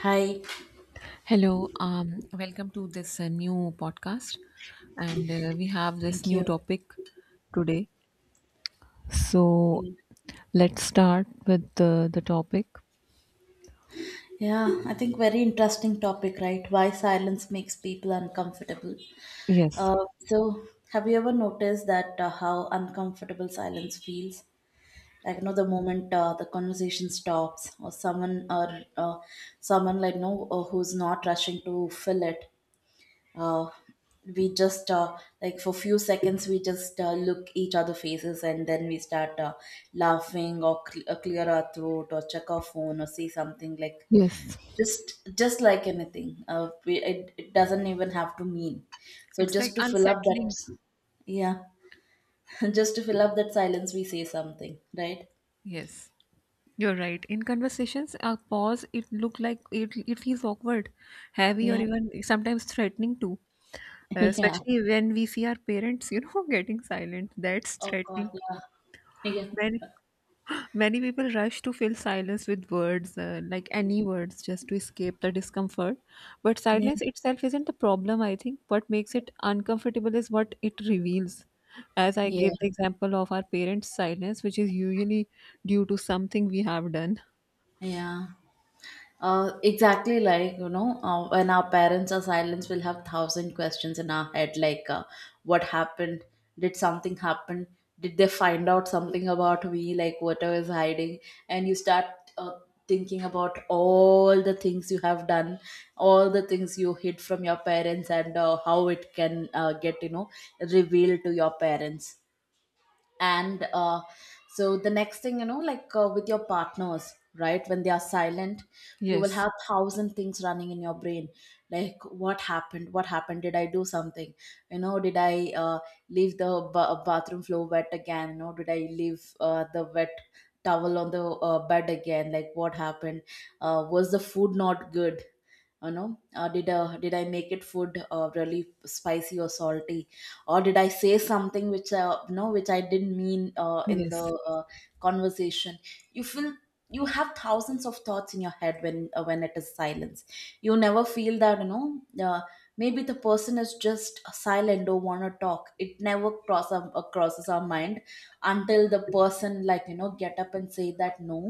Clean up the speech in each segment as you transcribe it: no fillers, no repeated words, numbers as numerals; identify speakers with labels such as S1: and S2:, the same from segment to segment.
S1: Hi,
S2: Hello, welcome to this new podcast, and we have this
S1: thank
S2: new
S1: you.
S2: topic today. So let's start with the topic.
S1: Yeah, I think very interesting topic, right? Why silence makes people uncomfortable.
S2: Yes,
S1: Uh, so, have you ever noticed that how uncomfortable silence feels? The moment the conversation stops, or someone, who's not rushing to fill it. uh, we just like, for few seconds we just look each other faces, and then we start laughing, or clear our throat, or check our phone, or say something like
S2: yes,
S1: just like anything, it doesn't even have to mean, so
S2: it's like
S1: just to fill up
S2: unsettling.
S1: that yeah just to fill up that silence we say something, right?
S2: Yes, you're right. In conversations, a pause it look like it feels awkward, heavy, or
S1: Yeah.
S2: even sometimes threatening too.
S1: Yeah.
S2: Especially when we see our parents, getting silent. That's
S1: Oh god,
S2: threatening.
S1: yeah.
S2: When
S1: Yeah.
S2: Many people rush to fill silence with words, like any words, just to escape the discomfort. But
S1: Yeah.
S2: silence itself isn't the problem, I think. What makes it uncomfortable is what it reveals. As I
S1: Yeah,
S2: gave the example of our parents' silence, which is usually due to something we have done.
S1: yeah. Exactly, when our parents are silent we'll have thousand questions in our head, like, what happened, did something happen, did they find out something about me, like what I was hiding. And you start uh, thinking about all the things you have done, all the things you hid from your parents, and how it can get, revealed to your parents. And uh, so the next thing you know, with your partners, right, when they are silent you will
S2: Yes,
S1: have thousand things running in your brain, like what happened, what happened, did I do something? Did I leave the bathroom floor wet again? Did I leave the wet towel on the bed again? Like what happened? Was the food not good? Did did I make it food really spicy or salty, or did I say something which you know which I didn't mean, in the
S2: yes.
S1: uh, conversation? You feel you have thousands of thoughts in your head when it is silence. You never feel that, uh, maybe the person is just silent, don't want to talk. It never crosses our mind until the person, get up and say that, no,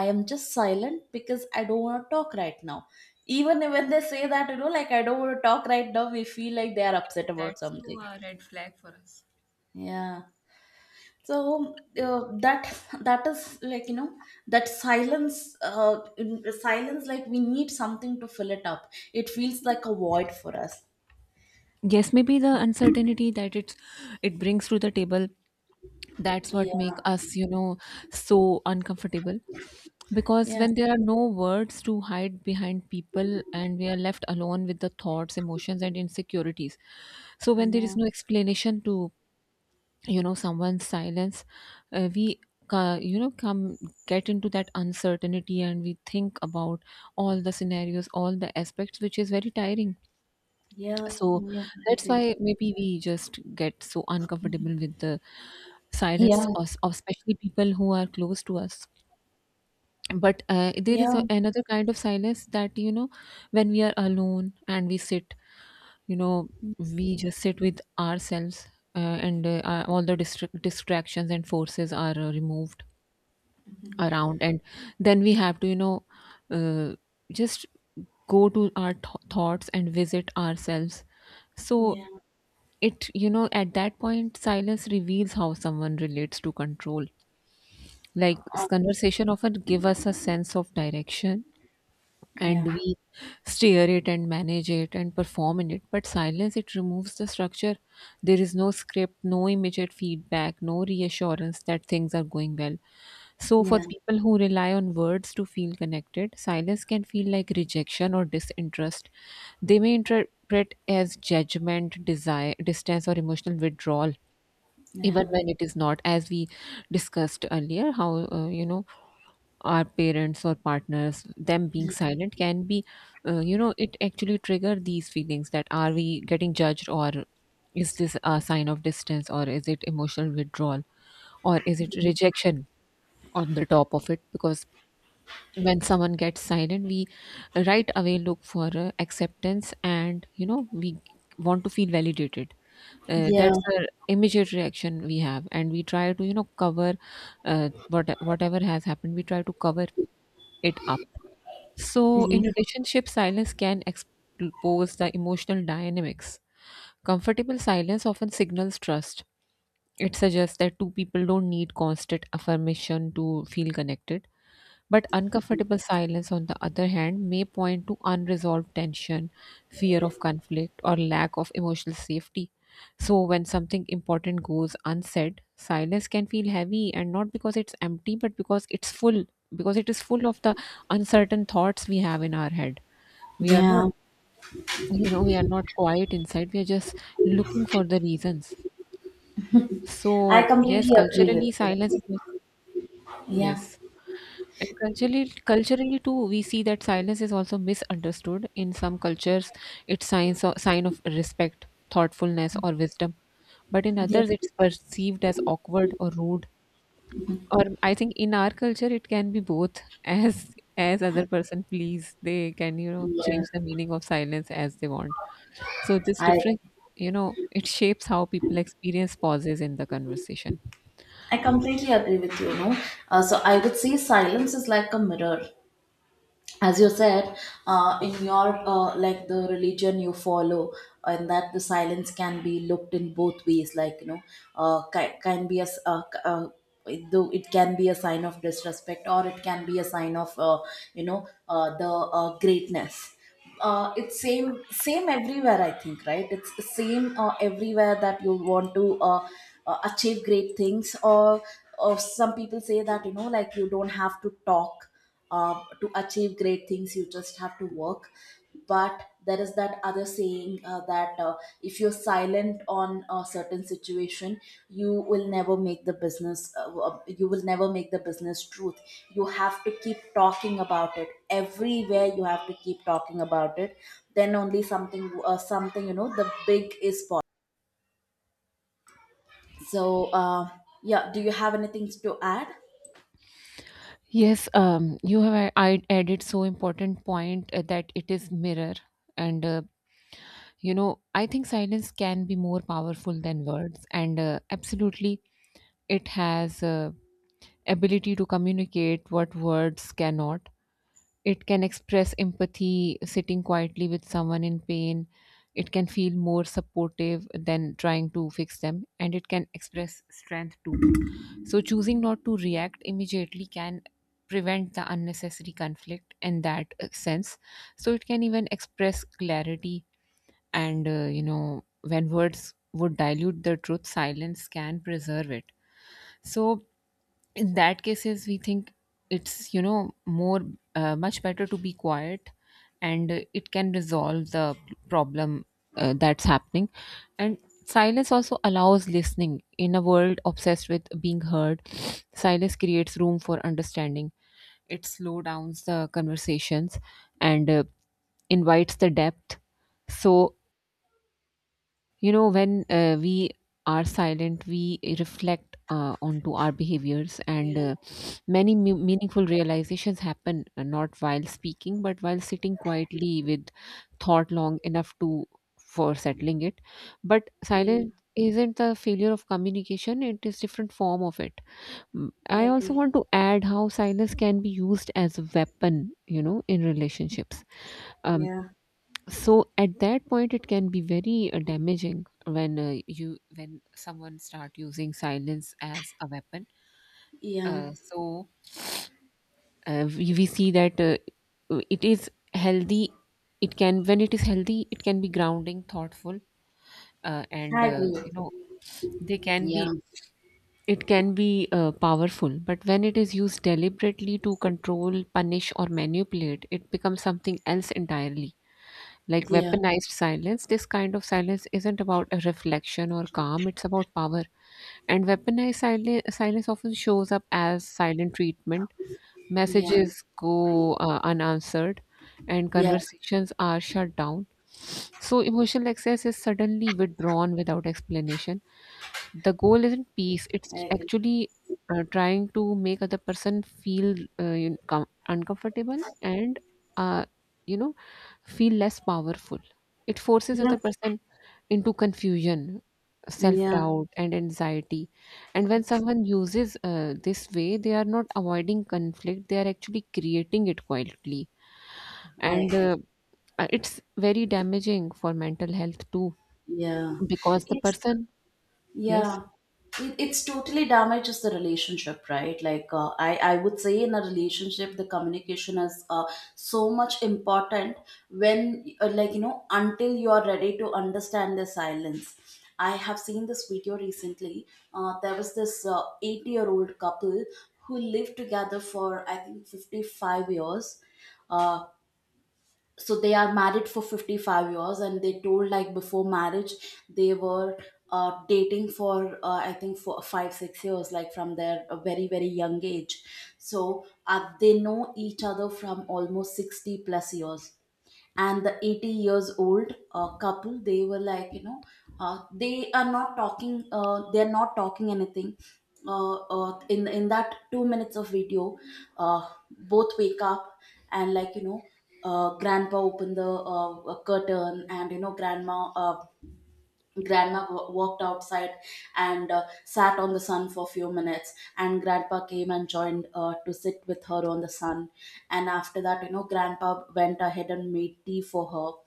S1: I am just silent because I don't want to talk right now. Even when they say that, like, I don't want to talk right now, we feel like they are upset about
S2: That's
S1: something.
S2: too a red flag for us.
S1: Yeah. So uh, that that is, that silence, silence, like, we need something to fill it up. It feels like a void for us.
S2: Yes, maybe the uncertainty that it brings to the table, that's what make
S1: Yeah.
S2: us so uncomfortable, because
S1: Yeah.
S2: when there are no words to hide behind people, and we are left alone with the thoughts, emotions, and insecurities. So when there is
S1: Yeah.
S2: no explanation to someone's silence, we come get into that uncertainty, and we think about all the scenarios, all the aspects, which is very tiring.
S1: Yeah.
S2: So
S1: Yeah. I
S2: that's
S1: agree.
S2: why maybe we just get so uncomfortable with the
S1: Yeah.
S2: silence of especially people who are close to us. But there
S1: Yeah.
S2: is another kind of silence that when we are alone and we sit, you know we just sit with ourselves. And all the distractions and forces are removed around. And then we have to uh, just go to our thoughts and visit ourselves. So
S1: Yeah.
S2: it, at that point silence reveals how someone relates to control. Like,
S1: Uh,
S2: conversation often give us a sense of direction, and
S1: yeah.
S2: we steer it and manage it and perform in it, but silence it removes the structure. There is no script, no immediate feedback, no reassurance that things are going well. So for
S1: Yeah.
S2: people who rely on words to feel connected, silence can feel like rejection or disinterest. They may interpret as judgment, desire, distance, or emotional withdrawal, even
S1: Yeah.
S2: when it is not. As we discussed earlier, how uh, you know our parents or partners them being silent can be, it actually trigger these feelings that are we getting judged, or is this a sign of distance, or is it emotional withdrawal, or is it rejection. On the top of it, because when someone gets silent we right away look for acceptance, and we want to feel validated.
S1: Yeah.
S2: That's the immediate reaction we have, and we try to, cover whatever has happened. We try to cover it up. So, in relationship, silence can expose the emotional dynamics. Comfortable silence often signals trust. It suggests that two people don't need constant affirmation to feel connected. But uncomfortable silence, on the other hand, may point to unresolved tension, fear of conflict, or lack of emotional safety. So, when something important goes unsaid, silence can feel heavy, and not because it's empty, but because it's full, because it is full of the uncertain thoughts we have in our head. We are not,
S1: Yeah.
S2: we are not quiet inside, we are just looking for the reasons.
S1: I
S2: So, yes,
S1: completely agree with
S2: culturally, silence
S1: you.
S2: is,
S1: Yeah.
S2: yes. And culturally too, we see that silence is also misunderstood. In some cultures, it's sign of respect, thoughtfulness, or wisdom. But in
S1: Yeah.
S2: others, it's perceived as awkward or rude. Or I think in our culture, it can be both. As other person please, they can
S1: Yeah.
S2: change the meaning of silence as they want. So this
S1: I
S2: difference, it shapes how people experience pauses in the conversation.
S1: I completely agree with you. No, so I would say silence is like a mirror. As you said, in your, like, the religion you follow, and that the silence can be looked in both ways, can be a though it can be a sign of disrespect, or it can be a sign of, the greatness. It's same everywhere I think, right? It's the same everywhere, that you want to achieve great things, or some people say that, like, you don't have to talk to achieve great things, you just have to work. But there is that other saying, that if you're silent on a certain situation, you will never make the business, you will never make the business truth. You have to keep talking about it everywhere, you have to keep talking about it. Then only something, something, the big is possible. So, yeah, do you have anything to add?
S2: Yes, I added so important point, that it is mirror, and I think silence can be more powerful than words, and absolutely it has ability to communicate what words cannot. It can express empathy, sitting quietly with someone in pain. It can feel more supportive than trying to fix them, and it can express strength too. So, choosing not to react immediately can prevent the unnecessary conflict in that sense. So, it can even express clarity, and when words would dilute the truth, silence can preserve it. So, in that cases we think it's more much better to be quiet, and it can resolve the problem that's happening. And silence also allows listening. In a world obsessed with being heard, silence creates room for understanding. It slows down the conversations and invites the depth. So when we are silent, we reflect onto our behaviors, and
S1: Yeah,
S2: many meaningful realizations happen, not while speaking, but while sitting quietly with thought long enough to for settling it. But
S1: yeah.
S2: silence isn't the failure of communication; it is different form of it. Mm,
S1: I
S2: I also
S1: agree.
S2: want to add how silence can be used as a weapon, in relationships. Um,
S1: Yeah,
S2: so at that point, it can be very damaging when you when someone start using silence as a weapon.
S1: yeah.
S2: Uh, so we see that it is healthy. It can When it is healthy, it can be grounding, thoughtful, uh, and
S1: I
S2: uh,
S1: agree
S2: you
S1: with you.
S2: know they can
S1: Yeah,
S2: be it can be powerful, but when it is used deliberately to control, punish, or manipulate, it becomes something else entirely, like
S1: yeah,
S2: weaponized silence. This kind of silence isn't about a reflection or calm, it's about power. And weaponized silence often shows up as silent treatment.
S1: yeah,
S2: Messages go unanswered, and
S1: yeah.
S2: conversations are shut down. So emotional excess is suddenly withdrawn without explanation. The goal isn't peace,
S1: I
S2: it's
S1: agree.
S2: actually trying to make other person feel uncomfortable, and uh, you know feel less powerful. It forces
S1: Yeah,
S2: other person into confusion, self
S1: yeah,
S2: doubt, and anxiety. And when someone uses this way, they are not avoiding conflict, they are actually creating it quietly.
S1: I
S2: And
S1: agree.
S2: uh, uh, it's very damaging for mental health too,
S1: Yeah,
S2: because the
S1: it's
S2: person. Yes.
S1: Yeah, it's totally damages the relationship, right? Like, I would say in a relationship, the communication is, so much important, when, like you know, until you are ready to understand the silence. I have seen this video recently. There was this 8-year-old couple who lived together for, I think, 55 years. Uh, so they are married for 55 years, and they told, like, before marriage they were, dating for, I think, for 5-6 years, like, from their, very very young age. So, they know each other from almost 60 plus years, and the 80 years old couple, they were, they are not talking, they are not talking anything, in that 2 minutes of video. uh, Both wake up, and grandpa open the curtain. And grandma, walked outside, and sat on the sun for a few minutes, and grandpa came and joined, to sit with her on the sun. And after that, grandpa went ahead and made tea for her.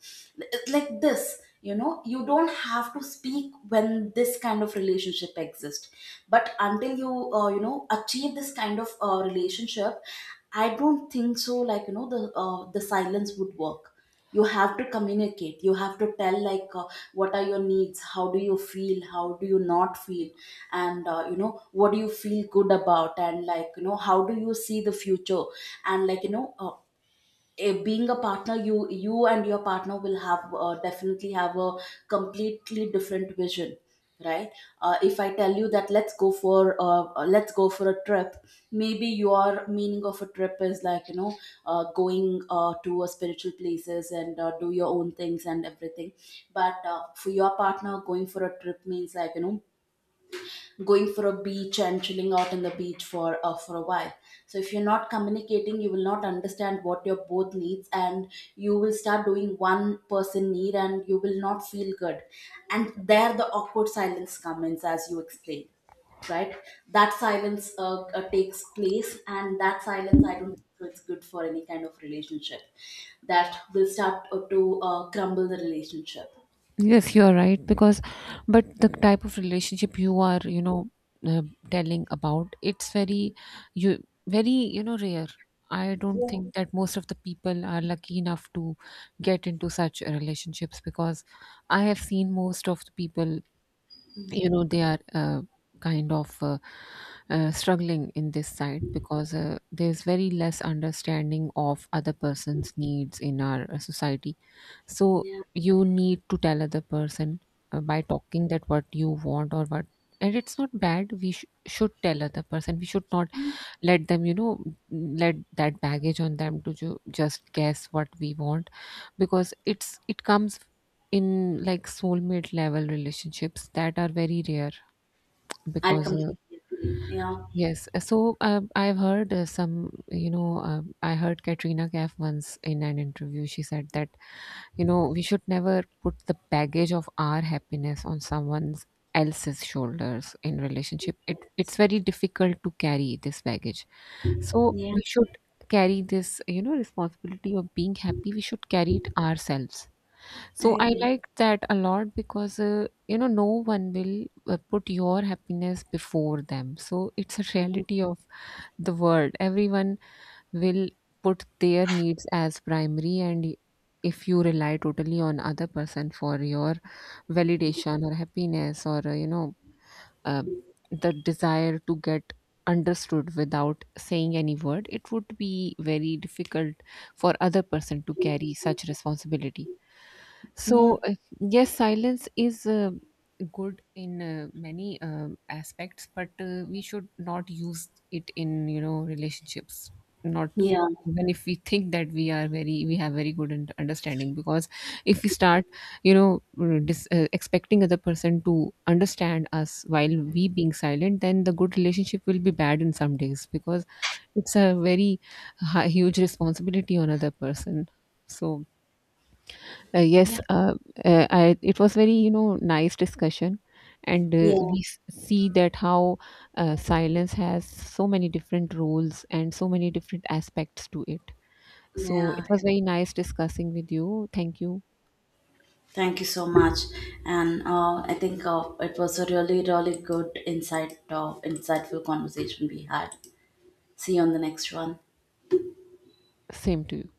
S1: It's like this, you don't have to speak when this kind of relationship exists. But until you you know achieve this kind of relationship, I don't think so, the silence would work. You have to communicate, you have to tell, like, what are your needs, how do you feel, how do you not feel, and what do you feel good about, and how do you see the future. And being a partner, you and your partner will have, definitely have a completely different vision, right? If I tell you that, let's go for, let's go for a trip. Maybe your meaning of a trip is, going, to a spiritual places, and, do your own things and everything. But, for your partner, going for a trip means, going for a beach and chilling out on the beach for a while. So if you're not communicating, you will not understand what your both needs, and you will start doing one person need, and you will not feel good. And there the awkward silence comes, as you explained, right? That silence, takes place, and that silence, I don't think so it's good for any kind of relationship. That will start, to crumble the relationship.
S2: Yes, you're right. But the type of relationship you are, uh, telling about, it's very, you very, rare. I don't think that most of the people are lucky enough to get into such relationships, because I have seen most of the people, they are kind of struggling in this side, because there's very less understanding of other person's needs in our society. So
S1: Yeah.
S2: you need to tell other person by talking that what you want or what. And it's not bad, we should tell other person, we should not let them, let that baggage on them to just guess what we want, because it comes in like soulmate level relationships that are very rare,
S1: I
S2: because
S1: completely agree, yeah.
S2: yes. I've heard some you know I heard Katrina Kaif once in an interview she said that you know, we should never put the baggage of our happiness on someone else's shoulders in
S1: Yeah.
S2: relationship. It's very difficult to carry this baggage. So
S1: Yeah.
S2: we should carry this, responsibility of being happy. We should carry it ourselves.
S1: I
S2: So I
S1: agree.
S2: like that a lot because no one will put your happiness before them. So it's a reality of the world. Everyone will put their needs as primary, and if you rely totally on other person for your validation or happiness or um, the desire to get understood without saying any word, it would be very difficult for other person to carry such responsibility.
S1: Yeah.
S2: So yes, silence is good in many aspects, but we should not use it in relationships, not
S1: Yeah.
S2: even if we think that we have very good understanding, because if we start expecting other person to understand us while we being silent, then the good relationship will be bad in some days, because it's a very huge responsibility on other person. So
S1: Yeah.
S2: yes. It was very nice discussion, and
S1: Yeah.
S2: we see that how silence has so many different roles and so many different aspects to it. So
S1: Yeah.
S2: it was very nice discussing with you. Thank you.
S1: Thank you so much. And I think, it was a really, really good insightful conversation we had. See you on the next one.
S2: Same to you.